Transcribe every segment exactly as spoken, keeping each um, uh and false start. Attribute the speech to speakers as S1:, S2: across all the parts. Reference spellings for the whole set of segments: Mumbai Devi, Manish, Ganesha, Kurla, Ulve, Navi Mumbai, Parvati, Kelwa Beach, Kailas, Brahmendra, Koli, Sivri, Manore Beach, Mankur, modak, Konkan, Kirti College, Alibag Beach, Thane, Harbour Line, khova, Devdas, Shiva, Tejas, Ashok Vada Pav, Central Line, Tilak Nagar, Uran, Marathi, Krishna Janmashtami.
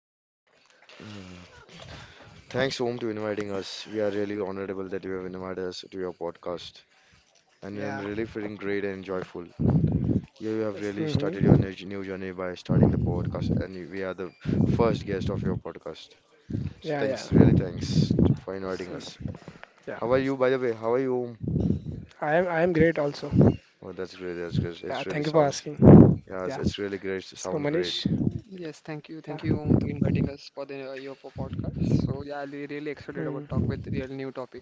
S1: to the public.
S2: Thanks, Om, to inviting us. We are really honorable that you have invited us to your podcast. And I'm
S1: Yeah.
S2: really feeling great and joyful. You have
S3: Yes,
S2: really
S1: hmm
S2: started your new new journey by starting the podcast, and you- we are the first guest of your podcast. So
S1: Yeah,
S3: yes,
S2: thanks,
S1: yeah.
S2: really thanks for
S3: yes,
S2: inviting
S1: Mm,
S2: us.
S1: Yeah.
S2: How are
S3: yes,
S2: you, by the way? How are you, Om?
S1: I am I am great also.
S2: Oh, that's great. That's great.
S1: Yeah,
S2: It really
S1: thank you for
S2: sounds,
S1: asking.
S2: yeah, it's
S1: Yeah.
S2: it's really great.
S1: So,
S2: Sound great.
S1: Manish,
S3: yes. Thank you, thank
S1: yeah.
S3: you, Om, to inviting us for the uh, your po- podcast. So yeah, I'll be really excited about talk
S1: Mm,
S3: with real new topic.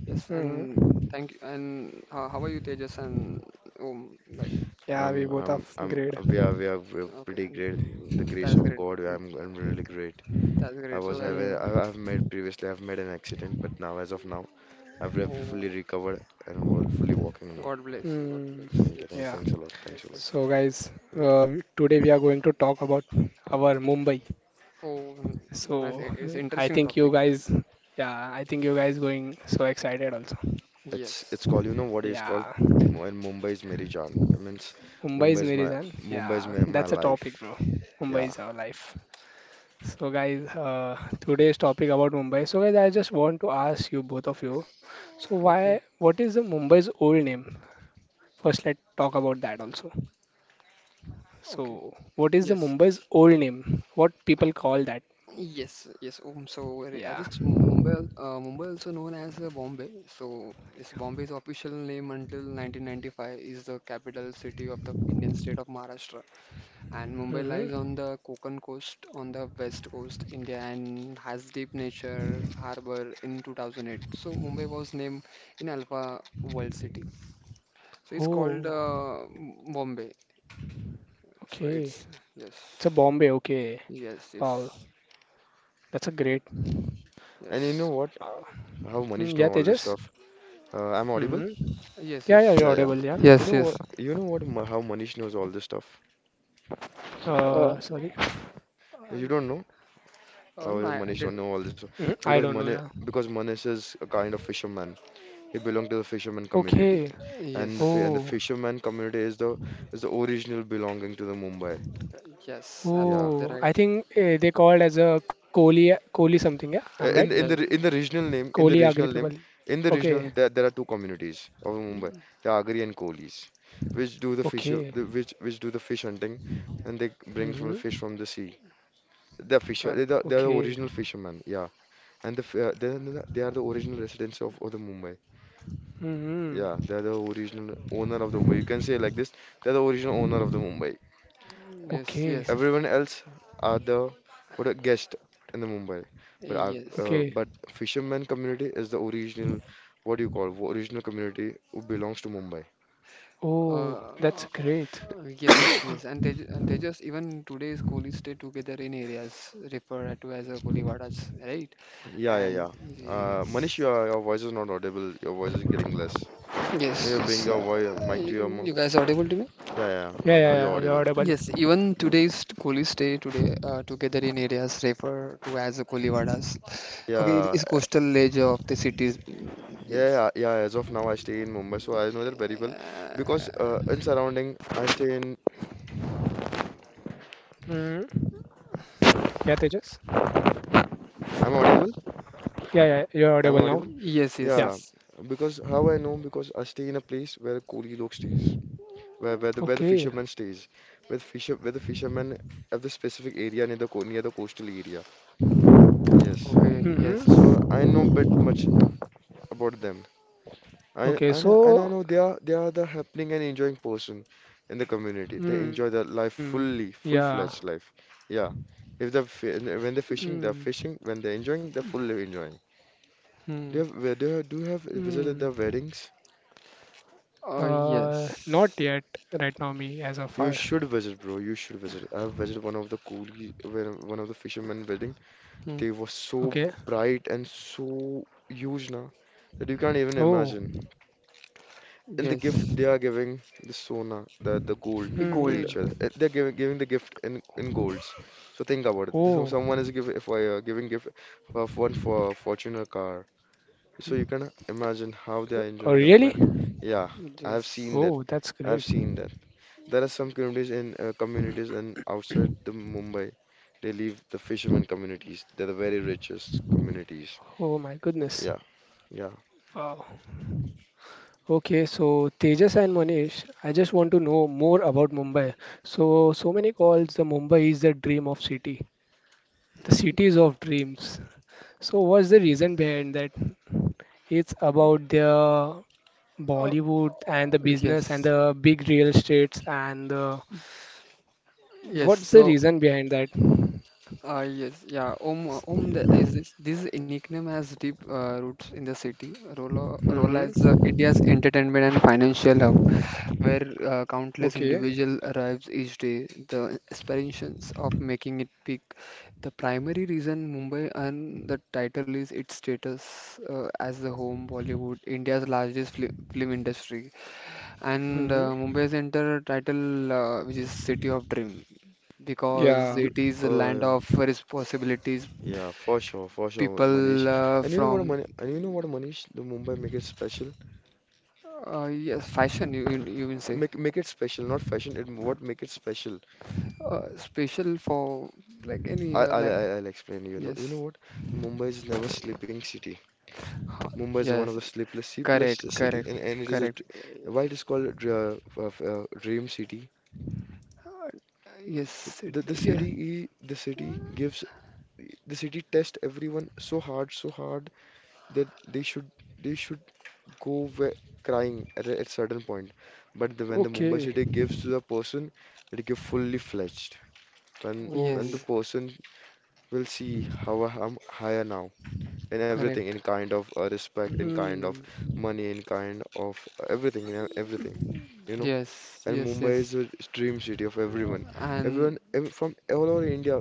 S3: Yes, and
S1: Mm-hmm.
S3: thank you. And uh, how are you, Tejas and Om? Like,
S1: Yeah, we
S2: Um,
S1: both are
S2: um,
S1: f-
S2: um,
S1: great.
S2: we are, we are, we are
S3: okay,
S2: pretty
S3: and
S2: great. The
S3: mm,
S2: grace
S3: that's
S2: of
S3: great.
S2: God, I'm, I'm really great.
S3: That's
S2: I
S3: great. So,
S2: was
S3: I,
S2: aware
S1: Mm.
S2: I, I've made previously I've made an accident, but now as of now I've re- fully
S3: oh,
S2: recovered and wa- fully walking now.
S3: God bless, God bless.
S1: Mm.
S2: Thank you, thanks,
S1: Yeah.
S3: Yes,
S2: thanks a lot, thanks
S3: yes,
S2: a lot.
S3: yes.
S1: So, guys,
S2: You too.
S1: uh, we- today we are going to talk about our Mumbai.
S3: Oh, n- nice.
S1: So
S3: It's
S1: I
S3: interesting
S1: think you
S3: topic.
S1: guys, yeah, I think you guys going so excited also.
S2: It's it's
S3: Yes.
S2: called You know what it's called?
S1: Yeah,
S2: Mu- In Mumbai is Meri Jaan. It means
S1: Mumbai
S2: Mumbai
S1: is
S2: is
S1: Meri
S2: my
S1: Jaan.
S2: Mumbai is
S1: Yeah,
S2: my, my
S1: that's a topic,
S2: life.
S1: bro. Mumbai
S2: Yeah.
S1: is our life. So guys, uh, today's topic about Mumbai. So guys, I just want to ask you both of you. So why?
S3: Okay.
S1: What is the Mumbai's old name? First, let's talk about that also.
S3: Okay.
S1: So what is the
S3: Yes.
S1: Mumbai's old name? What people call that?
S3: Yes, yes. Um, so uh, I
S1: Yeah.
S3: just Mu- Mumbai, al- uh, Mumbai also known as uh, Bombay. So this Bombay's official name until nineteen ninety-five is the capital city of the Indian state of Maharashtra. And Mumbai lies
S1: hmm
S3: on the Konkan coast, on the west coast India, and has deep nature harbor in two thousand eight. So Mumbai was named in Alpha World City. So it's called
S1: Oh,
S3: uh, M- Bombay. So
S1: okay.
S3: it's yes,
S1: It's a Bombay. Okay.
S3: yes,
S1: Wow,
S3: yes,
S1: that's a great.
S2: And you
S3: yes,
S2: know what?
S1: Uh,
S2: How Manish
S1: mm, yeah,
S2: know all this
S1: Tejas?
S2: stuff? Uh, I'm audible?
S1: hmm
S3: yes,
S1: Yeah, yeah,
S3: yes.
S1: you're
S2: Yeah, yeah.
S1: audible, yeah.
S2: You
S3: Yes,
S2: know
S3: yes,
S2: what? You know what? Ma- How Manish knows all this stuff?
S3: oh,
S1: Uh, sorry.
S3: uh,
S2: You don't know
S3: oh
S2: how
S3: no, I I
S2: Manish
S3: did.
S2: don't
S1: hmm
S2: know all this
S1: I
S2: stuff
S1: don't know, yeah.
S2: because Manish because Manish is a kind of fisherman. He belonged to the fisherman
S1: Okay.
S2: community, and the fi-
S3: Yes,
S2: and
S1: Oh,
S2: the fisherman community is the is the original belonging to the Mumbai.
S3: yes,
S2: Yeah.
S3: absolutely
S1: oh. I
S3: right.
S1: think uh, they called as a Kohli, Kohli something, yeah? I'm
S2: Uh,
S1: right?
S2: in in the
S3: Yes,
S2: in the regional name, in the
S1: Kohli Agri
S2: regional
S1: people.
S2: name, in
S1: Okay,
S2: the
S3: mm,
S2: regional there, there are two communities of Mumbai,
S3: mm,
S2: the Agri and Kohlis, which do the fish
S1: okay.
S2: the, which which do the fish hunting, and they bring from the
S1: hmm
S2: fish from the sea. They're fisher, they're
S3: correct.
S2: the, they're
S1: Okay.
S2: the original fishermen. Yeah, and the f- uh, they they are the original residents of, of the Mumbai.
S1: hmm
S2: Yeah, they're the original owner of the Mumbai. You can say like this, they're the original owner of the Mumbai.
S3: Yes,
S1: Okay,
S3: yes,
S2: Everyone else are the what a guest in the Mumbai, but our,
S3: yes.
S2: uh,
S1: okay.
S2: but fisherman community is the original what do you call original community who belongs to Mumbai.
S1: Oh, that's
S3: Uh,
S1: great.
S3: yes, yes, yes. And they ju- and they just even today's coolies stay together in areas referred to as a kooliwadas, right?
S2: Yeah, yeah, yeah.
S3: And
S2: Uh, Manish,
S3: yes,
S2: your your voice is not audible. Your voice is getting less. May
S3: yes,
S2: you bring
S3: yes.
S2: your
S3: Uh,
S2: voice mic to your
S3: you,
S2: mouth.
S3: you guys audible to me?
S2: Yeah, yeah, yeah.
S1: Yeah,
S2: Oh,
S1: yeah,
S2: now you're
S1: yeah, you're
S2: audible.
S1: audible.
S3: Yes, even today's Kohli stay today uh, together in areas referred to as the Kohli. Okay,
S2: Yeah,
S3: is coastal edge of the cities.
S2: yeah,
S3: Yes.
S2: yeah, yeah. As of now, I stay in Mumbai, so I know that very well because
S3: Uh,
S2: uh, in surrounding, I stay in.
S1: hmm Yeah, Tejas?
S2: I'm audible.
S1: Yeah, yeah, you're
S2: I'm
S1: audible now.
S2: audible?
S3: yes, yes,
S1: Yeah.
S2: Yeah,
S3: yes.
S2: because how I know? Because I stay in a place where Koli lok stays, where where the where the
S1: Okay.
S2: fisherman stays, where the fisher where the fisherman have the specific area near the co- near the coastal area. Yes,
S3: Okay,
S2: so
S3: yes.
S2: I
S1: hmm
S2: know bit much about them. I
S1: Okay,
S2: and I, and I
S1: so
S2: know they are they are the happening and enjoying person in the community. They enjoy
S1: Mm,
S2: their life
S1: yeah.
S2: fully, full-fledged life. Yeah, if they're fi- when they're
S1: Mm,
S2: fishing, they're fishing. When they're enjoying, they're fully enjoying. Do
S3: Hmm.
S2: you have where do you have, do you have visited their
S1: mm.
S2: weddings?
S3: Uh,
S1: Uh, not
S3: yes.
S1: yet, right now, me as of
S2: You
S1: far.
S2: should visit, bro. You should visit. I've visited one of the coolie, when- one of the fishermen wedding.
S3: Hmm.
S2: They were so
S1: Okay.
S2: bright and so huge now that you can't even
S1: Oh.
S2: imagine. In the gift,
S3: Yes.
S2: they are giving the sona, the the gold
S1: Mm,
S2: to
S3: Gold.
S2: each other. Uh,
S1: mm.
S2: They're giving giving the gift in in golds. So think about it. This-
S1: Oh.
S2: Someone is giving if I uh, giving gift for one for a Fortuner car.
S3: Hmm.
S2: So you can imagine how they are
S1: Oh,
S2: enjoying the life.
S1: really?
S2: And yeah, I have
S3: Yes.
S2: seen that.
S1: Oh, that's
S2: I've
S1: great.
S2: seen that. There are some communities in uh, communities and outside the Mumbai, they live the fishermen communities. They're the very richest communities.
S1: Oh my goodness.
S2: Yeah, yeah.
S1: Wow. Okay, so Tejas and Manish, I just want to know more about Mumbai. So, so many calls the Mumbai is the dream of city, the cities of dreams. So, what's the reason behind that? It's about the
S3: Uh,
S1: Bollywood and the business and
S3: yes.
S1: the big real estates and the,
S3: Yes.
S1: what's the
S3: So.
S1: reason behind that?
S3: Uh, yes, yeah. Om, uh, Om the, is this, this nickname has deep uh, roots in the city. Rolla, Rolla is uh,
S1: Mm-hmm.
S3: India's entertainment and financial hub, where uh, countless
S1: Okay.
S3: individuals arrives each day. The aspirations of making it big. The primary reason Mumbai earned the title is its status uh, as the home Bollywood, India's largest fli film industry, and
S1: Mm-hmm.
S3: uh, Mumbai Center title, uh, which is City of Dream, because
S1: Yeah.
S2: You,
S3: it is a land
S2: uh,
S3: of responsibilities.
S2: yeah, for sure, for sure,
S3: People
S2: Manish.
S3: uh,
S2: And you know what,
S3: from
S2: Mani and you know what, Manish, the Mumbai make it special.
S3: uh, yes, fashion you you, you can say
S2: Make make it special, not fashion. It what make it special.
S3: uh, special for like any
S2: I
S3: uh,
S2: I'll,
S3: like
S2: I'll I'll explain you. know- You know
S3: yes
S2: what? Mumbai is never sleeping city.
S3: huh,
S2: Mumbai is one of
S3: yes
S2: the sleepless, sleepless
S3: correct
S2: city,
S3: correct
S2: and and it is a
S3: correct
S2: d- why it is called a dr- uh, f- uh, dream city.
S3: uh, yes it,
S2: The the
S3: yeah,
S2: city i- the city gives. The city tests everyone so hard, so hard that they should they should go where, crying at a, at certain point. But the, when the Mumbai
S1: Okay.
S2: city gives to the person, it give fully fledged. When when the
S1: Oh.
S3: yes
S2: person will see how I am higher now in everything,
S3: correct
S2: in kind of uh, respect, in kind of
S1: Hmm.
S2: money, in kind of everything, in everything, you know.
S3: yes
S2: And
S3: yes
S2: Mumbai
S3: yes
S2: is a dream city of everyone.
S3: and
S2: Everyone ev- from all over India,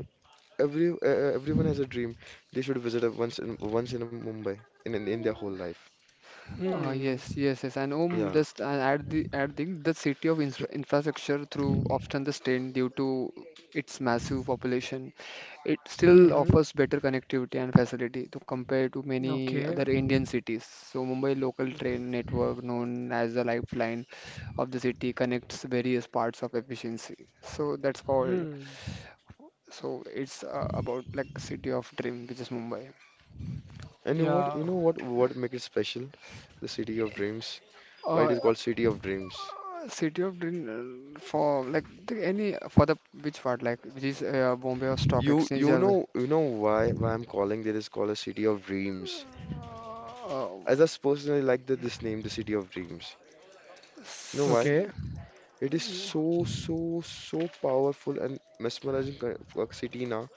S2: Every uh, uh, everyone has a dream. They should visit a- once in once in a Mumbai in, in in their whole life.
S3: Uh,
S1: Hmm.
S3: yes, yes, yes. And um,
S2: Yeah.
S3: just uh, add the add the the city of infra infrastructure through often the strain due to its massive population. It still
S1: Hmm.
S3: offers better connectivity and facility to compare to many
S1: Okay.
S3: other Indian cities. So Mumbai local train network, known as the lifeline of the city, connects various parts of efficiency. So that's called.
S1: Hmm.
S3: So it's uh, about like city of dream, which is Mumbai.
S2: And you know what
S1: Yeah.
S2: you know what what make it special? The city of dreams. Why it
S3: Uh,
S2: is called city of dreams?
S3: City of Dream, uh, for like the, any for the which part like which is uh, Bombay or Stock
S2: You
S3: Exchange
S2: you
S3: or
S2: know you know why why I'm calling it is called a city of dreams.
S3: uh,
S2: I just personally like that this name, the city of dreams. You know
S3: s-
S2: why?
S1: Okay.
S2: It is so so so powerful and mesmerizing co- co- city now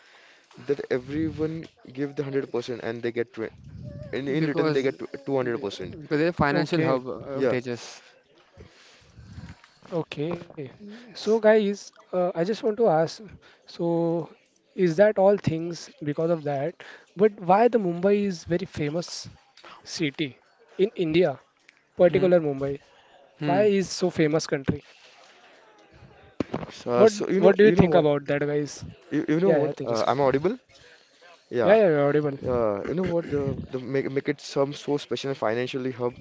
S2: that everyone give the hundred percent and they get tw in in return they
S3: because
S2: get two hundred percent.
S3: because they're financial hub,
S1: Okay.
S3: uh,
S2: Yeah.
S3: Tejas.
S1: Okay. So,
S3: Yes.
S1: guys, uh, I just want to ask. So, is that all things because of that? But why the Mumbai is very famous? City in India,
S3: Hmm.
S1: particular Mumbai? Why
S3: Hmm.
S1: is so famous country?
S2: So,
S1: What
S2: so you
S1: What
S2: know,
S1: do you
S2: you know
S1: think
S2: what,
S1: about that, guys?
S2: you, you know
S1: Yeah, yeah,
S2: what,
S1: they
S2: uh,
S1: just
S2: I'm audible?
S1: yeah, yeah,
S2: Yeah.
S1: you're audible.
S2: Uh, you know what, the, the make, make it some so special and financially hub,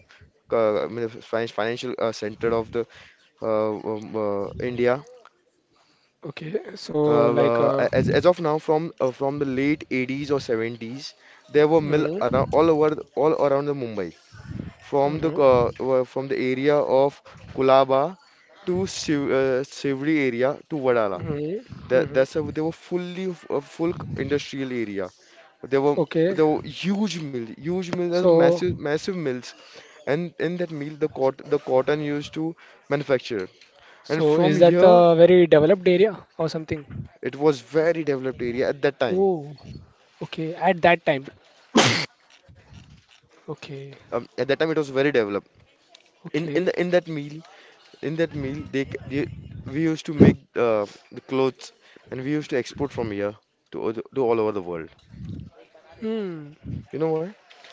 S2: uh, I mean, fin- financial uh, center of the uh, um, uh, India.
S1: Okay, so
S2: Uh,
S1: like, uh,
S2: uh, as, as of now, from uh, from the late eighties or seventies, there were mill
S1: mm,
S2: around all over all around the Mumbai, from the
S1: mm-hmm,
S2: uh, uh, from the area of Kolaba to Siv uh, Sivri area to Vadala.
S1: mm-hmm,
S2: That
S1: mm-hmm.
S2: that's a, they were fully a full industrial area. There were
S1: Okay,
S2: there were huge mill, huge mill, there's
S1: so
S2: massive massive mills, and in that mill the cot the cotton used to manufacture. And
S1: so
S2: from
S1: is that
S2: here
S1: the very developed area or something?
S2: it was very developed area at that time.
S1: Oh, okay, at that time. Okay,
S2: Um, at that time it was very developed. In in
S1: okay.
S2: the, in that mill in that mill they, c- they we used to make uh, the clothes and we used to export from here to o- to all over the world.
S1: Hmm.
S2: You know why?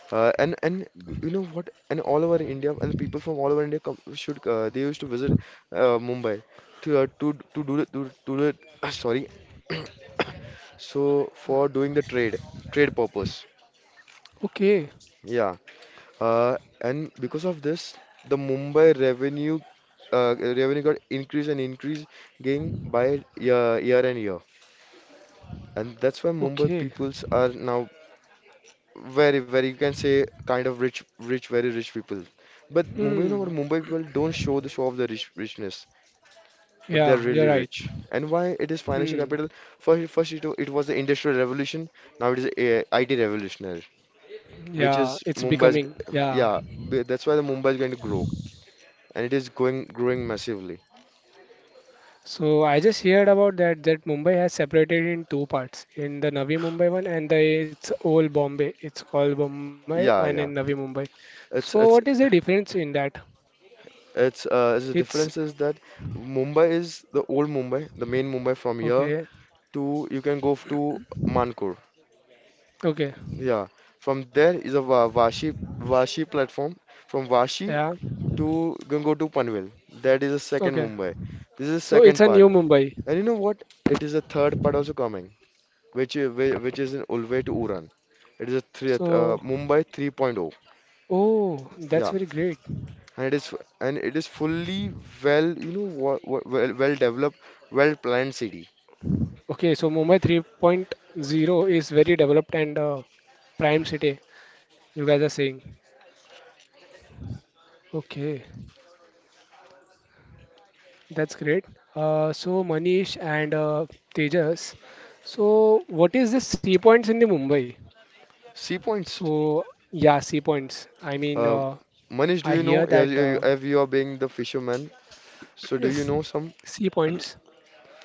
S2: Uh, and and You know what? And all over India and people from all over India come, should uh, they used to visit uh, Mumbai to uh, to to do the- to to the sorry. So for doing the trade trade purpose.
S1: Okay,
S2: Yeah. Uh, and because of this, the Mumbai revenue uh, revenue got increase and increase going by year, year and year. And that's why Mumbai
S1: okay.
S2: peoples are now very, very, you can say kind of rich, rich, very rich people. But Mumbai, you know, or
S1: Hmm.
S2: Mumbai people don't show the show of the rich, richness, but they're
S1: Yeah, you're
S2: really
S1: right.
S2: rich. And why it is
S1: Hmm.
S2: financial capital? First, first it, wa- it was the industrial revolution. Now it is a I T revolutionary, which
S1: Yeah,
S2: is
S1: it's
S2: Mumbai's.
S1: becoming. Yeah.
S2: Yeah, b- that's why the Mumbai is going to grow, and it is going growing massively.
S1: So I just heard about that that Mumbai has separated in two parts, in the Navi Mumbai one and the it's old Bombay. It's called Bombay and
S2: Yeah,
S1: in Navi
S2: yeah.
S1: Mumbai. So
S2: It's
S1: what is
S2: it's
S1: the difference in that?
S2: it's uh it's The
S1: It's
S2: difference is that Mumbai is the old Mumbai, the main Mumbai from here
S1: okay.
S2: to you can go f- to Mankur.
S1: Okay.
S2: Yeah, from there is a Wa- Vashi Vashi platform. From Vashi
S1: Yeah.
S2: to can go to Panvel. That is the second
S1: Okay.
S2: Mumbai. This is the
S1: So it's
S2: second
S1: a
S2: part.
S1: new Mumbai.
S2: And you know what? It is a third part also coming, which i- whi- which is in Ulve to Uran. It is a three, uh,
S1: So
S2: Mumbai 3.0.
S1: oh, that's
S2: Yeah,
S1: very great.
S2: and it is f- and it is fully well, you know, wa- wa- well well developed, well planned city.
S1: Okay, so Mumbai 3.0 is very developed and uh, prime city. You guys are saying. Okay. That's great. Uh, so Manish and uh, Tejas, so what is the sea points in the Mumbai?
S2: Sea points.
S1: So yeah, sea points. I mean,
S2: Uh,
S1: uh,
S2: Manish, do
S1: I
S2: you know?
S1: hear
S2: Have
S1: that
S2: you,
S1: uh,
S2: have you are being the fisherman, so do you
S3: Yes.
S2: know some?
S1: sea points.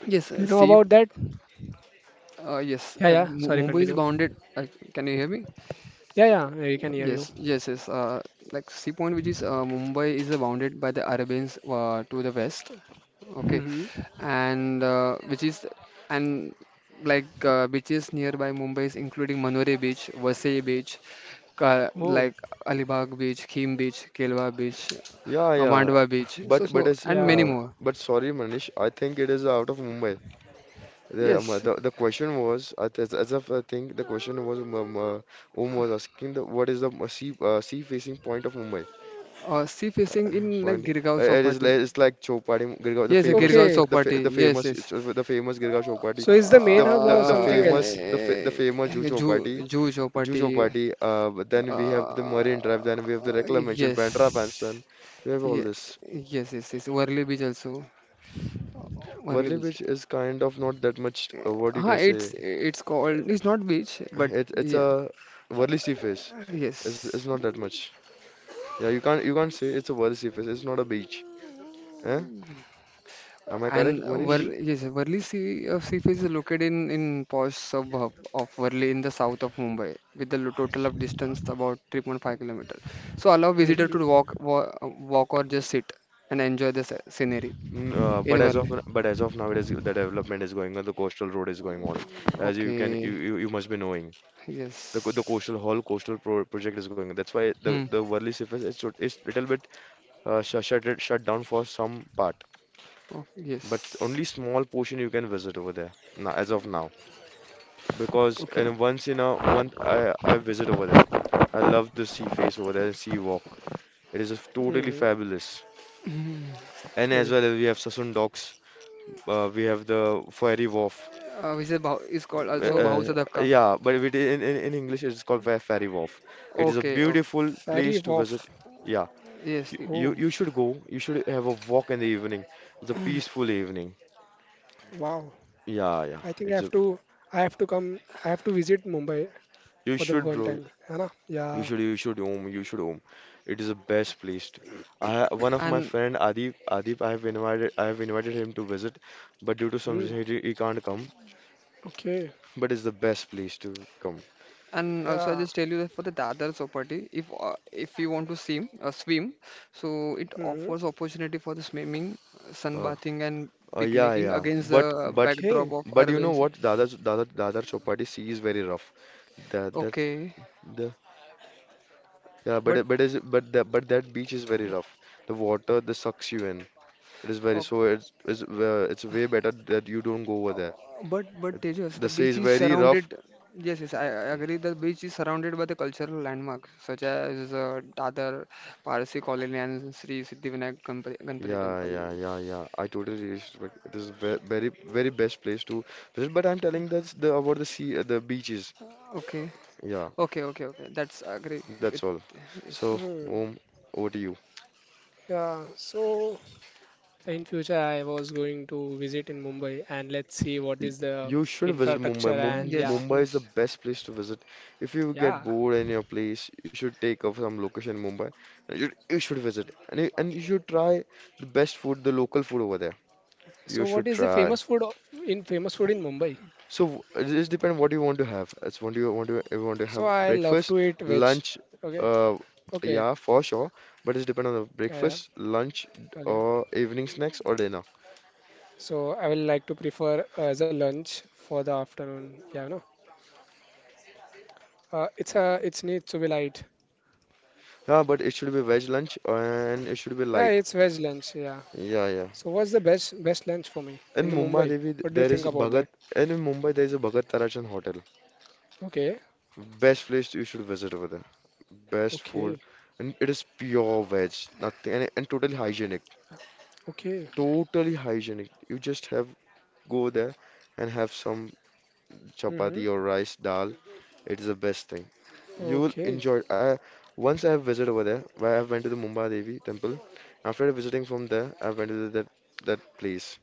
S3: Yes.
S1: Do you
S3: uh,
S1: know
S3: See.
S1: about that?
S3: Uh, yes.
S1: Yeah,
S3: Uh,
S1: yeah.
S3: Mu-
S1: Sorry,
S3: Mumbai is
S1: continue.
S3: bounded. Uh, can you hear me?
S1: Yeah, yeah. Yeah, we can hear you.
S3: Yes, yes, yes. Uh, like sea point, which is uh, Mumbai, is uh, bounded by the Arabians uh, to the west. Okay,
S1: hmm
S3: and uh, which is and like uh, beaches nearby Mumbai is including Manore Beach, Vasai Beach, Ka
S1: Oh,
S3: like Alibag Beach, Khim Beach, Kelwa Beach,
S2: Yeah,
S3: uh,
S2: yeah.
S3: Mandwa Beach, so
S2: But but
S3: so
S2: it's
S3: and many
S1: yeah.
S2: uh,
S3: more.
S2: but Sorry, Manish. I think it is out of Mumbai. The um,
S3: Yes,
S2: the, the question was I th- as of I think the question was um, um, uh, Om was asking the what is the uh, sea uh, sea facing point of Mumbai?
S3: uh, sea facing in like
S2: Point.
S3: Girgaon
S2: Uh, it is
S3: Chowpatty.
S2: like it's like Chowpatty, Girgaon, the
S3: Yes, uh,
S2: famous.
S3: Girgaon
S1: Okay.
S2: the fa
S3: Chowpatty.
S2: the
S3: Yes,
S2: famous
S3: yes.
S2: it's, uh, the famous Girgaon Chowpatty,
S1: So is the
S2: the f- the
S1: main
S2: f-
S1: hub
S2: the,
S1: or
S2: the
S1: something
S2: famous
S1: else?
S2: the
S3: Uh,
S2: fa the famous Juhu
S3: Ju
S2: Chowpatty,
S3: Juhu
S2: Juhu
S3: Chowpatty.
S2: Chowpatty. Uh, but then we have the
S3: Uh,
S2: Marine Drive. Then we have the reclamation,
S3: yes.
S2: Bandra Bandstand. We have all
S3: Ye-
S2: this.
S3: Yes, yes, yes. Worli Beach also. Worli
S2: Worli
S3: beach.
S2: Beach is kind of not that much. Uh, what you
S3: Huh,
S2: can
S3: it's
S2: say?
S3: it's called it's not beach, but
S2: It, it's
S3: yeah,
S2: a Worli sea face. It's, it's
S3: yes.
S2: not that much. Yeah, you can't you can't say it's a Worli sea face. It's not a beach. Eh? Am I correct,
S3: And
S1: Mm-hmm.
S2: Manish?
S3: Worli, yes, Worli Sea uh, Sea Face is located in in posh suburb of Worli in the south of Mumbai, with a lo- total of distance about three point five kilometers. So allow visitor
S1: Mm-hmm.
S3: to walk wa- walk or just sit and enjoy the sce- scenery
S2: N- Uh,
S3: in
S2: but as
S3: Worli.
S2: of but as of now, it is the development is going on. The coastal road is going on, as you can you
S3: Okay,
S2: you, you must be knowing. The co- the
S3: yes.
S2: coastal whole coastal pro project is going on. That's why the
S3: Hmm.
S2: the Worli sea face is sort- is little bit uh, sh shut shut down for some part,
S3: Oh,
S2: but s-
S3: yes.
S2: only small portion you can visit over there now, as of now. Because
S3: Okay.
S2: in once in a month I I visit over there. I love the sea face over there and sea walk. It is just totally
S1: Mm-hmm.
S2: fabulous.
S3: Hmm.
S2: And as
S1: Okay.
S2: well as we have Sassoon Docks, uh, we have the Ferry Wharf.
S3: Uh, which is Bahus, is called
S2: Uh,
S3: also
S1: Oh,
S2: uh,
S3: Bahusudaka.
S2: yeah, but if it, in, in in English it's called Fer- Ferry Wharf. It is a
S3: Okay, okay,
S2: beautiful
S1: ferry
S2: place to visit.
S1: wharf.
S2: Yeah,
S3: Yes,
S2: you,
S3: i-
S2: you
S1: Oh,
S2: you should go. You should have a walk in the evening. It's a peaceful evening.
S1: wow.
S2: Yeah, yeah.
S1: I think I
S2: It's
S1: have
S2: a
S1: to I have to come I have to visit Mumbai
S2: You
S1: for the
S2: should,
S1: one
S2: bro.
S1: time. है ना?
S2: You
S1: Yeah.
S2: should, you should home, you should home. It is the best place to- I ha- one of my
S3: and
S2: friend Adip, Adip, I have invited, I have invited him to visit, but due to some
S1: Mm.
S2: reason he, he can't come.
S1: Okay.
S2: But it's the best place to come.
S3: and also I
S1: Yeah.
S3: just tell you that for the Dadar Chowpatty, if uh, if you want to swim, uh, swim, so it
S1: hmm
S3: offers opportunity for the swimming, uh,
S2: Uh,
S3: sunbathing, and
S2: uh, yeah,
S3: picnicking
S2: yeah.
S3: against
S2: But,
S3: the
S2: but,
S3: backdrop
S1: Okay.
S3: of
S2: but you
S3: urban.
S2: know
S3: ci-
S2: what? Dada, Dada, Dada Chowpatty sea is very rough. That, that,
S3: Okay,
S2: the, yeah.
S3: but
S2: But, it- but is, but that, but that beach is very rough. The water, this sucks you in. It is very so.
S3: okay,
S2: It's, it's, uh, it's way better that you don't go over there.
S3: uh, but but Tejas,
S2: The
S3: the
S2: sea
S3: beach
S2: is
S3: is
S2: very rough.
S3: surrounded. Yes, yes, I, I agree. The beach is surrounded by the cultural landmarks such as uh, Dadar, Parsi Colony, and Sri Siddhivinayak Ganpa- Ganpati
S2: Yeah,
S3: Temple.
S2: yeah, yeah, yeah. I totally respect. It is ve very, very best place to visit. But I'm telling that's the about the sea, uh, the beaches.
S3: Okay.
S2: Yeah,
S3: Okay, okay, okay. That's agree
S2: that's
S3: with
S2: all. So,
S1: Mm.
S2: Om, over to you.
S1: Yeah. So in future I was going to visit in Mumbai and let's see what
S2: Y-
S1: is the
S2: You should visit Mumbai.
S1: infrastructure and
S2: Mum
S3: yes,
S1: yeah.
S2: Mumbai is the
S3: yes,
S2: best place to visit. If you get
S1: Yeah.
S2: bored in your place, you should take up some location in Mumbai. Uh, You should, you should visit, and you, and you should try the best food, the local food over there. You
S1: So
S2: should
S1: what is the
S2: try.
S1: famous food of, in famous food in Mumbai?
S2: So it just depends what you want to have. It's what do you want to you want to
S1: So
S2: have
S1: I love to
S2: breakfast,
S1: eat veg.
S2: lunch,
S1: Okay.
S2: uh,
S1: Okay.
S2: yeah, for sure. But it's depend on the
S1: Yeah, yeah.
S2: breakfast, lunch,
S1: Okay.
S2: or evening snacks or dinner.
S1: So I will like to prefer uh, as a lunch for the afternoon. Yeah, you know. Uh, it's a it's needs to be light.
S2: Yeah, but it should be veg lunch and it should be
S1: Yeah,
S2: light.
S1: it's veg lunch. Yeah.
S2: Yeah, yeah.
S1: So what's the best best lunch for me
S2: In
S1: in the
S2: Mumbai
S1: Mumbai?
S2: Devi, th-
S1: What do you
S2: there
S1: think
S2: is
S1: about
S2: Bhagat,
S1: that?
S2: and in Mumbai there is a Bhagat Tarachan hotel.
S1: Okay.
S2: Best place you should visit over there. Best food,
S1: Okay.
S2: and it is pure veg, nothing, and, and totally hygienic.
S1: Okay.
S2: Totally hygienic. You just have go there and have some
S1: Mm-hmm.
S2: chapati or rice dal. It's the best thing. You will
S1: Okay.
S2: enjoy it. I Once I have visited over there, where I have went to the Mumbai Devi temple. After visiting from there, I went to that that place.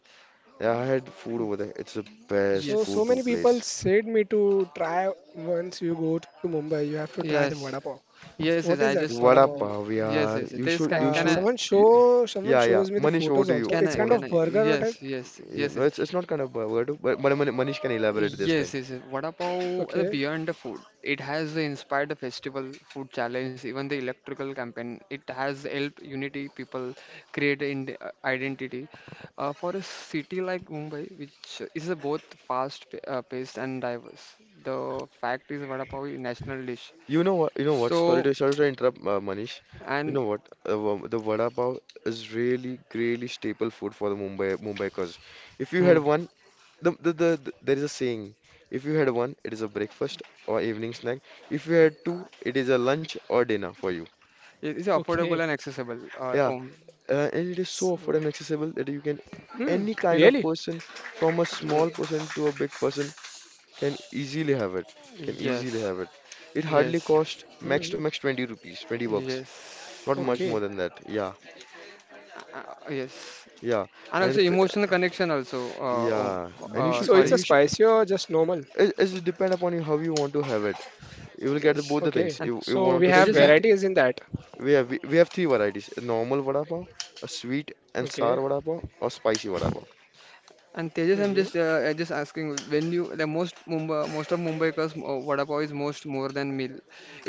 S2: Yeah, I had food over there. It's the best
S1: So so
S2: go-to
S1: many people
S3: yes,
S2: place.
S1: said me to try once you go to Mumbai, you have to try the vada
S3: yes,
S1: pav. So, what
S3: yes, yes.
S1: is
S3: yes, I
S1: that
S3: just
S1: vada
S2: Vada
S1: pav?
S3: y-
S2: pav,
S3: yes,
S2: yaar.
S3: yes.
S2: You
S3: This
S2: should,
S3: can
S2: you
S1: Uh,
S3: can I
S2: should.
S1: someone
S2: You,
S1: show someone
S2: yeah, yeah.
S1: shows me the
S2: Manish, over
S1: photos
S2: to you.
S1: also.
S3: can
S1: It's
S3: I
S1: kind
S2: Mona.
S3: can
S1: of
S3: I
S1: burger or type.
S3: yes, yes,
S2: Yeah,
S3: yes,
S2: no,
S3: yes.
S2: it's it's not kind of a word, but, but Manish can elaborate this
S3: Yes,
S2: thing.
S3: yes, yes. What about the
S1: Okay.
S3: Beyond the Food? It has inspired the festival, food challenge, even the electrical campaign. It has helped unity people create in uh, identity. Uh, for a city like Mumbai, which is a both fast pa- uh, paced and diverse, the fact is vada pav is national dish.
S2: You know what? You know what? Sorry to
S3: So
S2: sorry to interrupt, uh, Manish. You
S3: and
S2: know what? Uh, wa- the vada pav is really, really staple food for the Mumbai Mumbaikars. If you had
S3: hmm,
S2: one, the, the the the- there is a saying. If you had one, it is a breakfast or evening snack. If you had two, it is a lunch or dinner for you.
S3: it is affordable
S1: Okay.
S3: and accessible. Uh,
S2: Yeah,
S3: um,
S2: uh, and it is so affordable and
S1: So
S2: accessible that you can
S1: hmm,
S2: any kind of
S1: really?
S2: person, from a
S3: y-
S2: small person to a big person, can easily have it. Can easily
S3: yes,
S2: have it. It hardly
S3: yes,
S2: cost
S1: hmm
S2: max to max twenty rupees, twenty bucks.
S3: yes,
S2: Not much
S1: Okay.
S3: yes,
S2: more than that. Yeah,
S3: uh, uh, yes.
S2: yeah,
S3: And
S2: and
S3: also
S2: if,
S3: emotional connection also uh, oh,
S2: yeah, and you
S1: So
S3: uh
S1: it's
S2: should,
S1: a
S2: and you
S3: sorry
S2: should.
S1: spicy or just normal?
S2: It, it depend upon you how you want to have it. You will get
S3: yes
S2: the, both the
S1: Okay.
S2: things.
S3: and
S2: You you
S1: So
S2: want
S1: we
S2: to
S1: have
S3: tejas uh,
S2: sweet.
S1: varieties in that.
S2: We have we, we have three varieties: a normal vada pav, a sweet and
S1: Okay.
S2: sour vada pav, or spicy vada pav.
S3: and tejas I'm
S1: hmm
S3: just uh, uh, just asking when you the most Mumbai, most of Mumbaikars, uh, vada pav is most more than meal,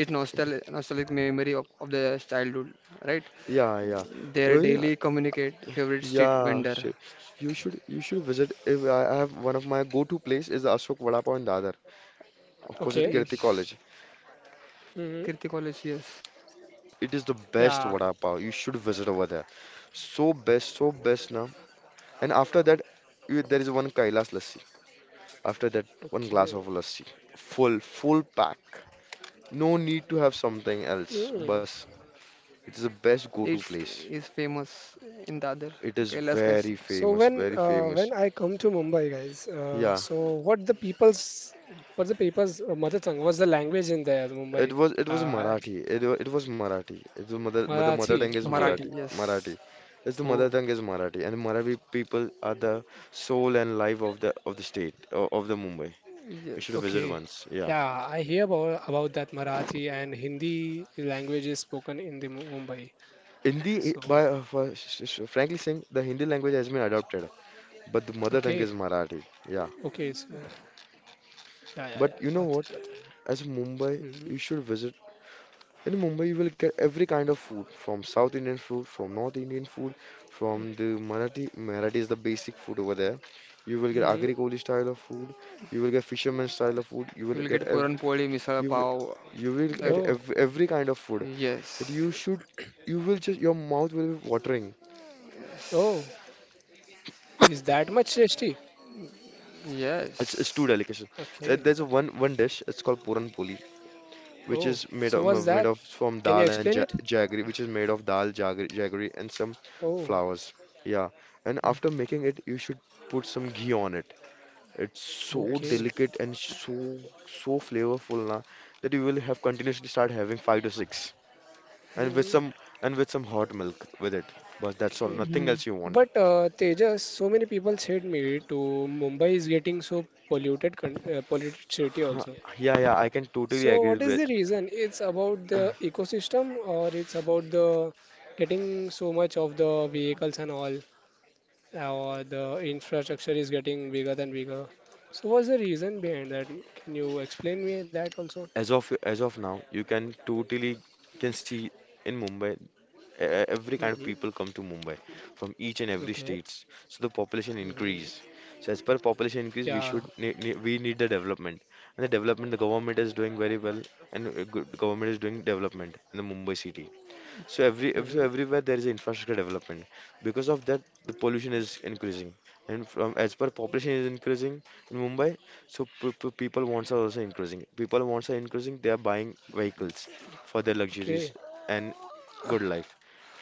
S3: it's nostalgic nostalgic memory of, of the childhood, right?
S2: Yeah, yeah.
S3: Their
S2: You know,
S3: daily communicate favorite street
S2: yeah,
S3: vendor.
S2: shi- you should you should visit. If I I have one of my go-to place is the Ashok Vada Pav in Dadar,
S3: Uh,
S2: opposite
S1: Okay.
S2: Kirti
S3: yes,
S2: College.
S1: hmm
S3: Kirti College, yes.
S2: It is the best
S1: Yeah.
S2: vada pav. You should visit over there. So best, so best now. And after that, you, there is one Kailas lassi. After that, one glass
S1: Okay.
S2: of lassi. Full, full pack. No need to have something else.
S1: Mm.
S2: Bus. It is the best go-to
S3: It's
S2: place.
S3: is famous in the other
S2: It is
S3: Kailas
S2: very
S3: Kasi.
S1: So
S2: famous,
S1: when
S2: very
S1: uh, when
S2: famous.
S1: I come to Mumbai, guys, uh,
S2: Yeah,
S1: so what the people's what's the people's uh, mother tongue? What's the language in there,
S2: it
S1: Mumbai?
S2: was it was
S1: Uh,
S2: Marathi. It, wa- it was Marathi. It's the mother the mother tongue
S1: Marathi.
S2: is
S1: Okay.
S3: Marathi,
S2: Marathi.
S3: yes,
S2: Marathi. It's the mother
S1: Oh,
S2: tongue is Marathi, and Marathi people are the soul and life of the of the state o- of the Mumbai. You should visit
S3: yes.
S1: okay.
S2: once. Yeah.
S1: Yeah, I hear about about that Marathi and Hindi language is spoken in the Mu- Mumbai.
S2: Hindi, I- by
S1: So,
S2: uh, for- sh- sh- frankly saying, the Hindi language has been adopted, but the mother tongue
S1: okay,
S2: is Marathi. Yeah.
S1: okay, so yeah, yeah,
S2: But
S1: yeah,
S2: you know
S1: got
S2: what?
S1: it, got
S2: As a Mumbai,
S1: it. hmm
S2: you should visit. In Mumbai, you will get every kind of food, from South Indian food, from North Indian food, from the Marathi. Marathi is the basic food over there. You will get
S1: hmm
S2: Agri Kohli style of food. You will get fisherman style of food. You will
S3: You'll
S2: get
S3: get
S2: ev
S3: puran poli misal
S2: you will,
S3: pav.
S2: you will
S1: Oh,
S3: Uh,
S2: get ev every kind of food that
S3: yes,
S2: you should. You will just your mouth will be watering.
S1: oh, is that much tasty?
S2: It's, it's
S3: yes,
S2: too delicate. Uh,
S1: Okay.
S2: There's a one one dish. It's called puran puli, which
S1: Oh,
S2: is made
S1: so
S2: of
S1: what's
S2: made
S1: that?
S2: of from
S1: Can you
S2: dal and ja
S1: explain it?
S2: jaggery, which is made of dal, jaggery, jaggery, and some
S1: Oh,
S2: flowers. Yeah, and after making it, you should put some ghee on it. It's so
S3: it's
S1: okay.
S2: delicate and so so flavorful na, that you will have continuously start having five to six, and with
S1: hmm
S2: some and with some hot milk with it. But that's all.
S1: Okay.
S2: Nothing
S3: mhm.
S2: else you want.
S1: But uh, Tejas, so many people said me to Mumbai is getting so polluted, con uh, polluted city
S2: Huh,
S1: also.
S2: yeah, yeah, I can totally
S1: So
S2: agree
S1: what is
S2: with.
S1: the reason? It's about the ecosystem or it's about the getting so much of the vehicles and all. Our the infrastructure is getting bigger than bigger. So what's the reason behind that? Can you explain me that also?
S2: As of as of now, you can totally can see in Mumbai, e- e- every kind of
S1: hmm
S2: people come to Mumbai from each and every
S1: Okay.
S2: states. So the population
S1: hmm
S2: increase. So as per population
S1: Yeah.
S2: increase, we should ne ne we need the development. And the development the government is doing very well, and uh, good government is doing development in the Mumbai city. So every ev-
S1: hmm
S2: so everywhere there is infrastructure development. Because of that, the pollution is increasing, and from as per population is increasing in Mumbai, so p p people wants are also increasing. People wants are increasing. They are buying vehicles for their
S1: Okay.
S2: luxuries and good life,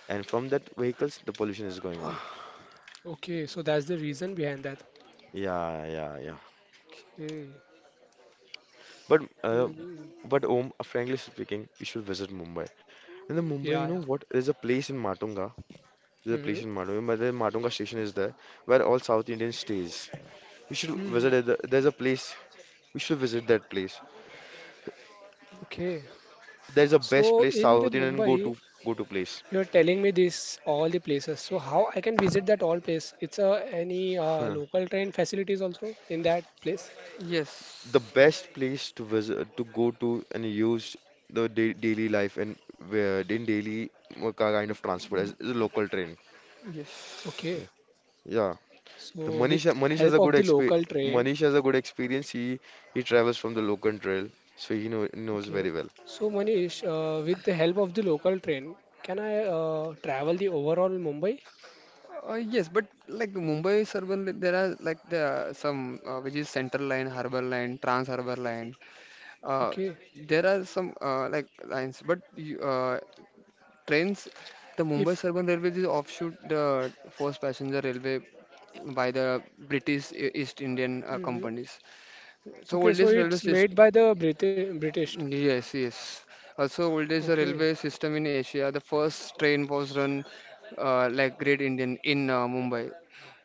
S2: and from that vehicles, the pollution is going on.
S1: Okay. So that's the reason behind that.
S2: Yeah, yeah, yeah.
S1: Okay.
S2: But uh,
S1: hmm
S2: but Om, uh, frankly speaking, you should visit Mumbai. And then Mumbai, you
S1: Yeah.
S2: know
S1: Yeah.
S2: what? There's a place in Matunga. There's a
S1: hmm
S2: place in Matunga. But the Matunga station is there where all South Indians stays. You should
S1: hmm
S2: visit. the- There's a place. We should visit that place.
S1: Okay.
S2: There's a best
S1: So
S2: place
S1: in the
S2: South Indian go to
S1: Mumbai,
S2: go to place.
S1: you're telling me this all the places. So how I can visit that all place? It's a any uh,
S2: Huh.
S1: local train facilities also in that place?
S2: The
S3: yes,
S2: best place to visit to go to and use the da daily life and where in daily uh, kind of transport as is a local train.
S1: Okay.
S3: yes,
S2: Yeah. Yeah. The
S1: So with
S2: Manish Manish
S1: help
S2: has a
S1: of
S2: good
S1: the
S2: exp
S1: local train,
S2: Manish has a good experience. He he travels from the local trail, so he know, knows
S1: okay.
S2: very well.
S1: So Manish, uh, with the help of the local train, can I uh, travel the overall Mumbai?
S3: uh, yes. But like Mumbai is urban, li- there are like the some, uh, which is Central Line, Harbour Line, Trans Harbour Line. Uh,
S1: Okay.
S3: there are some uh, like lines, but you, uh, trains. The
S1: If
S3: Mumbai Suburban railways is offshoot the first passenger railway by the British E- East Indian uh,
S1: mhm.
S3: companies. So
S1: Okay, so
S3: oldest railway
S1: it's made
S3: system.
S1: by the Briti- British.
S3: Yes, yes. Also, old is the
S1: Okay.
S3: railway system in Asia. The first train was run uh, like Great Indian in uh, Mumbai.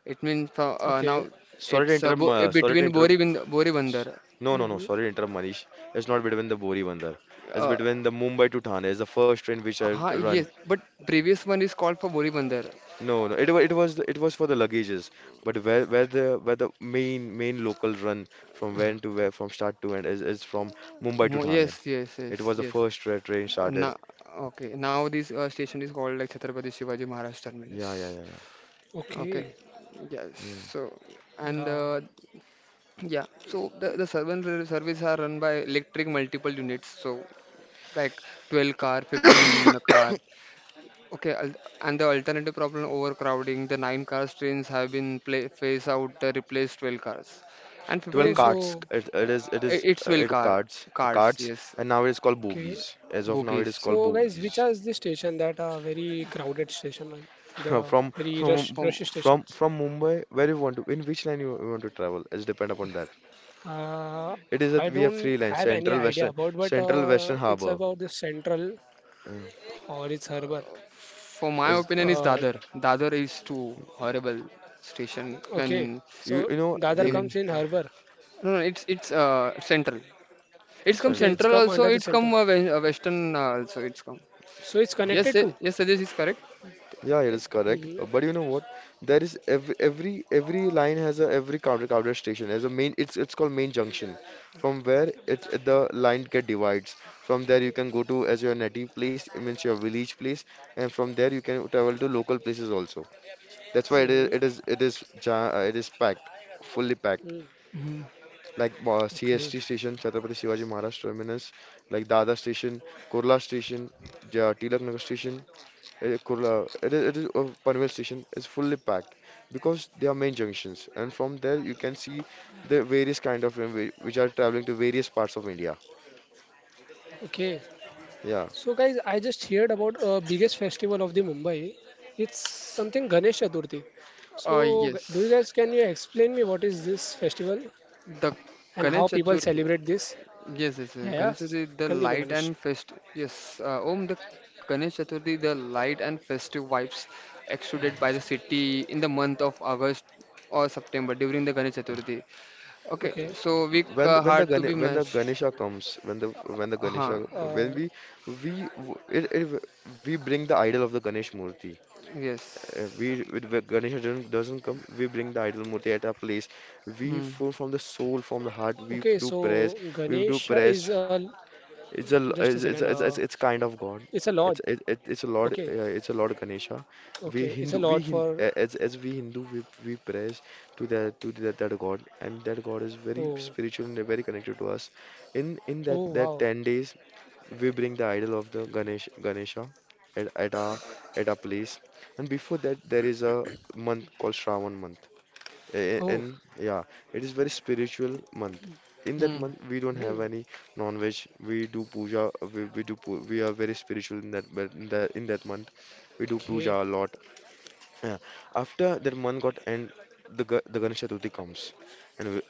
S3: It means fro- uh,
S1: Okay.
S3: now
S2: Sorry to
S3: it's uh,
S2: interrupt.
S3: bo- uh,
S2: Uh, sorry to
S3: between
S2: interrupt.
S3: Borivin-
S2: S-
S3: Borivandar.
S2: No, no,
S1: hmm
S2: no. Sorry to interrupt, Manish. It's not between the Bori Bandar. It's
S3: Uh,
S2: between the Mumbai to Thane. It's the first train which I
S3: huh,
S2: run.
S3: yes, but previous one is called for Borivandar.
S2: No, no. It, was, it was it was for the luggages. But where where the where the main main local run from when to where from start to end is is from Mumbai to
S3: Mo-
S2: Thane.
S3: Yes, yes,
S2: It
S3: yes,
S2: was the
S3: yes.
S2: first tra train started.
S3: Now, okay. Now this uh, station is called like Chhatrapati Shivaji Maharaj
S2: Yeah, yeah, yeah,
S3: Terminus.
S2: yeah.
S3: Okay.
S1: Okay.
S3: Yes.
S2: Mm.
S3: So, and
S1: Yeah.
S3: uh, yeah, so the, the servant ser- service are run by electric multiple units, so like twelve car, fifteen car. Okay, al- and the alternative problem overcrowding, the nine cars trains have been pla phased out, the replaced twelve cars. And
S2: twelve
S1: Oh,
S3: fifteen,
S2: carts.
S1: so
S2: It, it is it
S3: i-
S2: is
S3: it's
S2: uh,
S3: twelve
S2: it
S3: car,
S2: carts uh,
S3: cards,
S2: carts
S3: yes,
S2: and now it is called
S1: okay.
S2: bogies. As of now, it
S3: bogies.
S2: is
S1: So
S2: called
S1: guys, which are
S2: bogies.
S1: the station that are very crowded station, uh, the
S2: From
S1: very rush
S2: from
S1: rush
S3: For,
S2: from
S1: stations?
S2: from Mumbai, where you want to, in which line you, you want to travel? It's depend upon that.
S1: Uh,
S2: It is
S1: I
S2: that we have
S1: don't
S2: three lines:
S1: have any
S2: Central,
S1: idea
S2: Western,
S1: about, but
S2: Central, Western
S1: uh, it's
S2: Harbour.
S1: about the central
S2: Yeah.
S1: or it's harbor.
S3: for my
S2: Is
S3: opinion is
S1: Uh,
S3: Dadar. Dadar is too horrible station
S1: okay,
S3: when,
S2: You you
S1: so
S2: know
S3: I
S1: Dadar
S2: the
S3: mean,
S1: comes in harbor.
S3: no, no, it's, it's uh, central. It's come
S1: Okay,
S2: Central.
S3: central
S1: it's come
S3: also.
S1: under
S3: It's
S1: the
S3: come uh,
S1: central.
S3: we- uh, western uh, also. It's come.
S1: So it's
S3: Yes, eh,
S1: connected to.
S3: yes, Sajesh is correct.
S2: Yeah, it
S3: Thank-
S2: is correct. Uh,
S1: Mhm,
S2: But you know what? There is every every every line has a every counter counter station has a main. It's it's called main junction. From where it's uh, the line get divides. From there you can go to as your native place, it means your village place, and from there you can travel to local places also. That's why it is it
S1: mhm,
S2: is it is ja- uh, it is packed, fully packed.
S1: mhm.
S3: Mhm.
S2: Like uh, C S T
S1: Okay,
S2: station, Chhatrapati Shivaji Maharaj terminus, like Dada station, Kurla station, ja, Tilak Nagar station, eh, Kurla, it is, it is uh, Panvel station is fully packed because they are main junctions, and from there you can see the various kind of railway which are traveling to various parts of India.
S1: okay.
S2: Yeah.
S1: So guys, I just heard about uh, biggest festival of the Mumbai. It's something Ganesh Chaturthi. So
S3: Uh,
S2: Mhm.
S1: g- do you
S3: yes,
S1: guys can you explain me what is this festival
S3: the
S1: and
S3: Ganesh
S1: how people
S3: Chaturthi.
S1: celebrate this?
S3: Yes, yes,
S1: Yeah,
S3: yes.
S1: yeah.
S3: Ganesh
S1: s-
S3: Chaturthi, the
S1: Continue,
S3: light
S1: Manish.
S3: and fest. Yes, uh, Om, the Ganesh Chaturthi, the light and festive vibes exuded by the city in the month of August or September during the Ganesh Chaturthi. Okay,
S1: Okay.
S3: so week
S2: When
S3: uh,
S2: when the
S3: hard to
S2: Gane
S3: be
S2: when the
S3: matched.
S2: Ganesha comes, when the when the
S3: Huh.
S2: Ganesha when
S1: Uh,
S2: we we w- it, it, we bring the idol of the Ganesh Murthy. Uh,
S3: Yes.
S2: we with the Ganesh doesn't doesn't come. We bring the idol murti at our place. We
S3: Hmm.
S2: full from the soul, from the heart. We do
S1: okay. So
S2: prayers. We do
S1: Ganesh
S2: prayers.
S1: is a
S2: It's a l-
S1: just a
S2: it's
S1: second.
S2: it's it's,
S1: Uh,
S2: it's it's kind of God.
S1: it's a lord.
S2: It's it, it- it's a Lord.
S1: Okay.
S2: Uh, it's a Lord Ganesha. We
S1: Okay.
S2: Hindu.
S1: It's a
S2: We
S1: lord
S2: Hin, a-
S1: for.
S2: as as we Hindu we we prays to that to that, that God, and that God is very
S1: Oh.
S2: spiritual and very connected to us. In in that
S1: Oh
S2: that
S1: wow.
S2: ten days we bring the idol of the Ganesh Ganesha at at our at our place. And before that, there is a month called Shravan month. A-
S1: Oh.
S2: And yeah, it is very spiritual month. In that
S3: Hmm.
S2: month, we don't have
S1: Hmm.
S2: any non-veg. We do puja. We, we do pu- we are very spiritual in that but in that in that month. We do puja a
S1: Okay.
S2: lot. Yeah. After that month got end, the Ga- the Ganesh Chaturthi comes, and we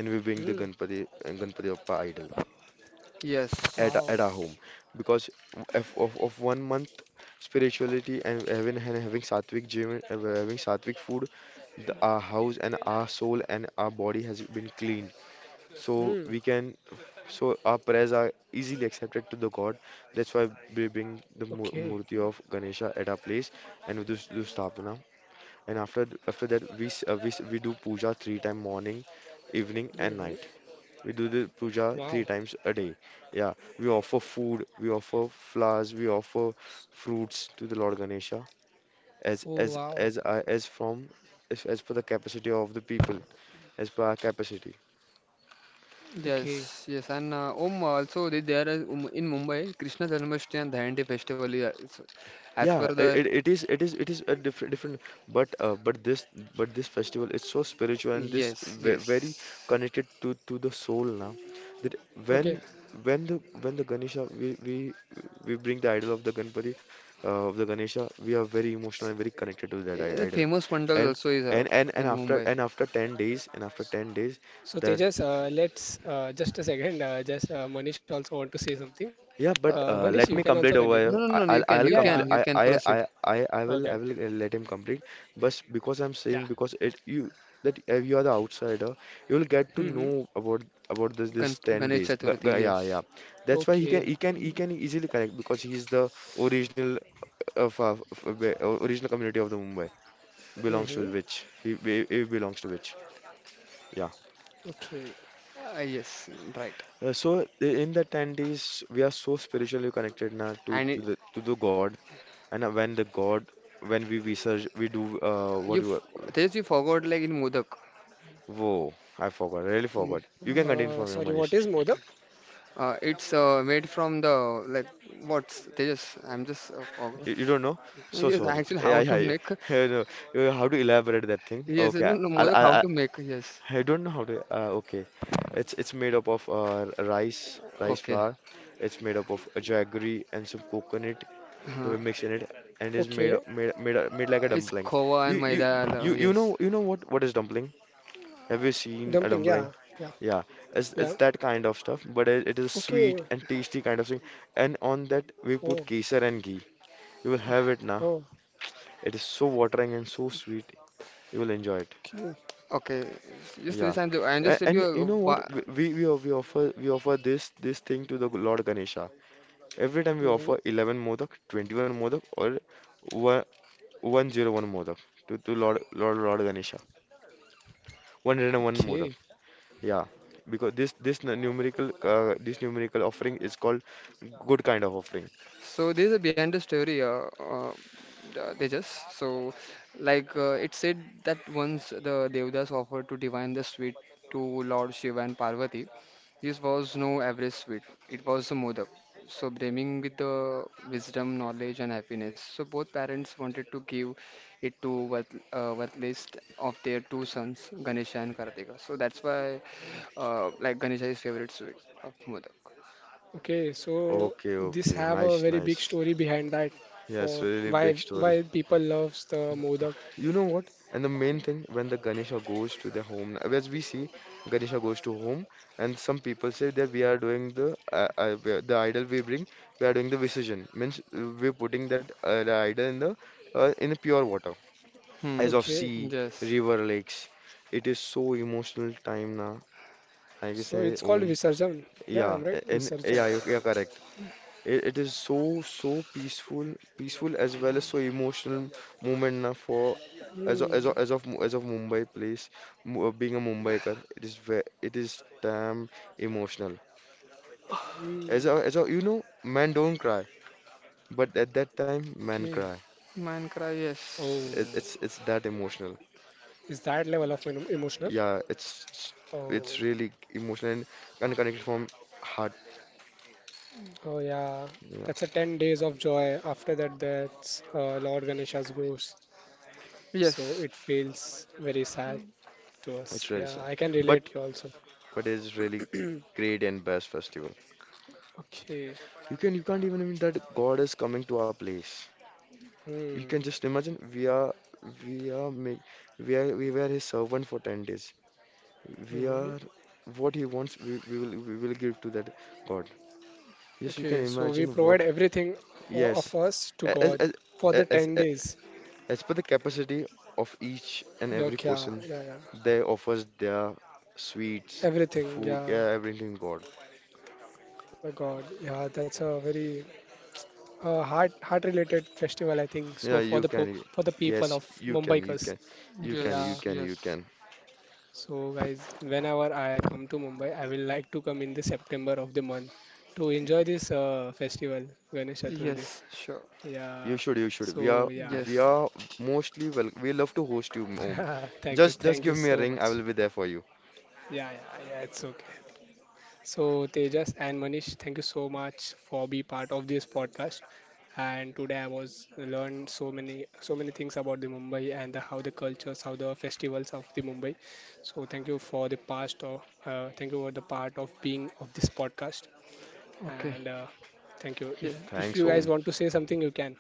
S2: and we bring the
S1: Hmm.
S2: Ganpati and Ganpati Bappa idol at, a- at our
S1: Wow.
S2: home
S3: Yes.
S2: because of, of, of one month spirituality and having and having sattvic gym uh, having sattvic food, the, our house and our soul and our body has been cleaned so we
S1: Hmm.
S2: can so our prayers are easily accepted to the god, that's why we bring the mu-
S1: Okay.
S2: murti of ganesha at our place, and we do, s- do sthapana, and after after that we s- uh, we, s- we do puja three time: morning, evening and night. We do the puja three times a day. Yeah, we offer food, we offer flowers, we offer fruits to the Lord Ganesha as
S1: Oh
S2: as
S1: wow.
S2: as I as from as, as per the capacity of the people, as per our capacity.
S1: Okay.
S3: Yes, yes, and uh, Om also they, there is um, in Mumbai Krishna Janmashtami and Dhanti festival is also, as per
S2: Yeah, it,
S3: the
S2: it, it is it is it is a different different but uh, but this but this festival is so spiritual, and this
S3: yes,
S2: ve very
S3: yes.
S2: connected to to the soul now, that when
S1: Okay.
S2: when the when the Ganesha, we we we bring the idol of the Ganpati, uh, of the Ganesha, we are very emotional and very connected to that
S3: Eh,
S2: i-
S3: the
S2: idol.
S3: famous pandal
S2: and
S3: also is uh,
S2: and and and
S3: in
S2: after
S3: Mumbai.
S2: and after ten days, and after 10 days
S1: So
S2: that
S1: Tejas, uh, let's uh, just a second. Uh, just uh, Manish also want to say something.
S2: Yeah,
S3: Uh,
S2: but
S1: Uh,
S2: uh,
S1: Manish, you
S2: let me
S1: can also
S2: complete over
S1: continue.
S3: no,
S2: here.
S3: no,
S2: I-
S3: no, you
S2: I'll
S3: can,
S2: I'll
S1: Yeah,
S3: you can,
S1: yeah.
S2: complete.
S3: you
S2: I
S3: can
S2: I I
S3: proceed.
S2: I I
S1: Okay,
S2: will
S1: okay.
S2: I will uh, let him complete. But because I'm
S1: Yeah.
S2: saying, because it you that if you are the outsider, you will get to
S1: Mm-hmm.
S2: know about about this this
S3: Gan
S2: ten
S3: Ganesh
S2: days. G
S3: Chaturthi,
S2: g- yeah, yeah.
S3: yes,
S2: That's why he can
S1: Okay.
S2: he can he can easily connect, because he's the original uh, of of, of uh, f- f- original community of the Mumbai belongs to
S1: Mm-hmm.
S2: which he be- he belongs to which. Yeah.
S1: Okay.
S3: uh, yes, right.
S2: Uh, so i- in the ten days, we are so spiritually connected now to
S3: And
S2: to
S3: it,
S2: the to the God. And uh, When the god, when we research, we do uh,
S3: you,
S2: what do
S3: f-
S2: you?
S3: Tejas, you forgot like in Modak,
S2: Whoa, I forgot. Really forgot. You can continue
S1: Uh,
S2: from here,
S1: sorry,
S2: Manish.
S1: what is Modak?
S3: uh, it's uh, made from the like what's Tejas? I'm just uh, forgot.
S2: You, you don't know?
S3: I
S2: So
S3: just
S2: sorry.
S3: actually how
S2: Yeah,
S3: to
S2: yeah,
S3: make.
S2: yeah. I know. Uh, How to elaborate that thing?
S3: Yes,
S2: Okay,
S3: no, no,
S2: I'll,
S3: Modak,
S2: I'll,
S3: how
S2: I
S3: to make? Yes,
S2: I don't know how to. Uh, okay, it's it's made up of uh, rice, rice
S3: okay.
S2: flour. It's made up of jaggery and some coconut. We
S3: Uh,
S2: mix in it, and it's
S1: Okay.
S2: made up- made made made like a
S3: it's
S2: dumpling.
S3: khova and
S2: You you
S3: maida. uh,
S2: you you know
S3: Yes,
S2: you know what what is dumpling? Have you seen a
S1: Dumpling. Yeah.
S2: dumpling?
S1: Yeah.
S2: Yeah, it's it's
S1: Yeah.
S2: that kind of stuff, but it, it is sweet
S1: Okay.
S2: and tasty kind of thing. And on that we put
S1: Oh.
S2: kesar and ghee. You will have it now.
S1: Oh.
S2: It is so watering and so sweet. You will enjoy it.
S1: Okay.
S3: okay. Just
S2: Yeah.
S3: this, I'm, I'm just
S2: A-
S3: tell you
S2: and you
S3: uh,
S2: know what?
S3: wha-
S2: We we we we offer we offer this this thing to the Lord Ganesha. Every time we
S1: Mm-hmm.
S2: offer eleven modak, twenty-one modak, or one, 101 modak to to Lord Lord Lord Ganesha. one hundred one modak.
S1: Okay.
S2: Yeah, because this this n- numerical uh, this numerical offering is called good kind of offering.
S3: so there's a behind the story, uh, uh, the- they just so like uh, it said that once the Devdas offered to divine the sweet to Lord Shiva and Parvati, this was no average sweet. It was a modak. So brimming with the wisdom, knowledge, and happiness. So both parents wanted to give it to worth, uh, worthless of their two sons, Ganesha and Kartika. So that's why, uh, like Ganesha is favorite sweet of modak.
S1: Okay, so
S2: Okay,
S1: this
S2: okay.
S1: have a
S2: Nice,
S1: very big
S2: nice.
S1: story behind that
S2: Yes,
S1: for
S2: really
S1: why
S2: big story.
S1: why people loves the Modak.
S2: You know what? And the main thing, when the Ganesha goes to the home, as we see, Ganesha goes to home, and some people say that we are doing the uh, uh, we are- the idol we bring, we are doing the visurgon. Means uh, we're putting that uh, the idol in the uh, in the pure water,
S3: Hmm.
S2: as of
S1: Okay,
S2: sea,
S3: Yes.
S2: river, lakes. It is so emotional time now, I can
S1: so
S2: say,
S1: it's called
S2: Om.
S1: Visarjan. Yeah,
S2: Yeah,
S1: I'm right,
S2: and yeah,
S1: Visarjan.
S2: you- yeah, correct. It, it is so so peaceful, peaceful as well as so emotional moment na for as of, as
S1: Hmm.
S2: of, as of Mu- as of Mumbai place. Mu- uh, Being a Mumbaiker, it is ve it is damn emotional. As
S1: Hmm.
S2: a, as a, you know, man don't cry, but at that time, man
S1: Okay.
S2: cry.
S3: Minecraft, yes.
S2: It,
S1: Oh,
S2: it's it's that emotional.
S1: is that level of em- emotional?
S2: Yeah, it's it's it's
S1: Oh,
S2: really emotional and, and connected from heart.
S1: oh yeah.
S2: Yeah,
S1: That's a ten days of joy. After that, that's uh, Lord Ganesha's ghost. So
S3: Yes.
S1: it feels very sad to us.
S2: it's really
S1: Yeah,
S2: sad,
S1: I can
S2: but
S1: relate you also.
S2: but it's really great and best festival.
S1: Okay.
S2: You can you can't even imagine that God is coming to our place. You
S1: Hmm.
S2: can just imagine, we are we are make we are we were his servant for ten days. We
S1: Mhm.
S2: are what he wants, we, we will we will give to that God. Yes, you can
S1: Okay, so we
S2: imagine
S1: provide
S2: what
S1: everything o-
S2: yes.
S1: of us to
S2: A- As
S1: God
S2: as
S1: for the
S2: as
S1: ten
S2: as,
S1: days.
S2: as per the capacity of each and
S1: Yeah,
S2: every
S1: okay, yeah,
S2: person,
S1: yeah, yeah.
S2: they offers their sweets,
S1: Everything,
S2: food,
S1: yeah.
S2: yeah, everything God.
S1: My God, yeah, that's a very uh, heart heart related festival, I think. So
S2: Yeah,
S1: for
S2: you
S1: the po
S2: can. y-
S1: for the people
S2: Yes,
S1: of
S2: you can. You
S1: Mumbaikas,
S2: can. You can. You
S1: yeah.
S3: Yes,
S2: can. You
S3: yes.
S2: can.
S1: So guys, whenever I come to Mumbai, I will like to come in the September of the month to enjoy this uh, festival, Ganesh Chaturthi.
S3: Yes, sure.
S2: You
S1: Yeah.
S2: should, you should. We are,
S1: So yeah,
S2: we
S3: Yes.
S2: are mostly well. We love to host you, Om.
S1: yeah. Thank you,
S2: Just, just
S1: thank you
S2: give me a
S1: so
S2: ring. I
S1: much.
S2: will be there for you.
S1: Yeah, yeah, yeah, it's okay. So, Tejas and Manish, thank you so much for be part of this podcast. And today I was learned so many so many things about the Mumbai and the, how the cultures, how the festivals of the Mumbai. So thank you for the past of uh, thank you for the part of being of this podcast.
S3: Okay.
S1: And uh, thank you.
S3: Yeah.
S1: If if you
S2: Thanks,
S3: Yeah.
S1: guys
S2: Om.
S1: want to say something, you can.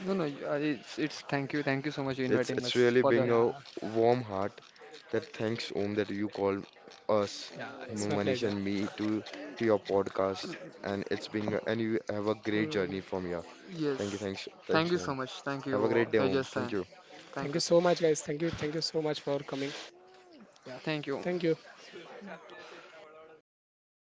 S3: No, no, you- I- it's it's thank you. Thank you so much for
S2: It's,
S3: inviting
S2: it's
S3: us
S2: really
S3: for the
S2: being a
S1: Yeah,
S2: warm heart that thanks, Om, that you called us,
S1: yeah, it's
S2: M-
S1: my
S2: Manish
S1: pleasure.
S2: and me, to, to your podcast. And it's being, and you
S1: Hmm,
S2: have a great journey from here. Thank you,
S3: yes.
S2: thanks,
S3: Thank
S2: thanks,
S3: you so
S2: Om.
S3: much.
S1: yeah,
S3: Thank you,
S2: Have a
S3: uh,
S2: great day, Om.
S3: Tejas
S2: Thank
S3: and
S2: you.
S1: thank you so much,
S3: thank
S1: guys.
S3: you.
S1: Thank you, thank you so much for coming. Yeah, thank you.
S3: Thank you.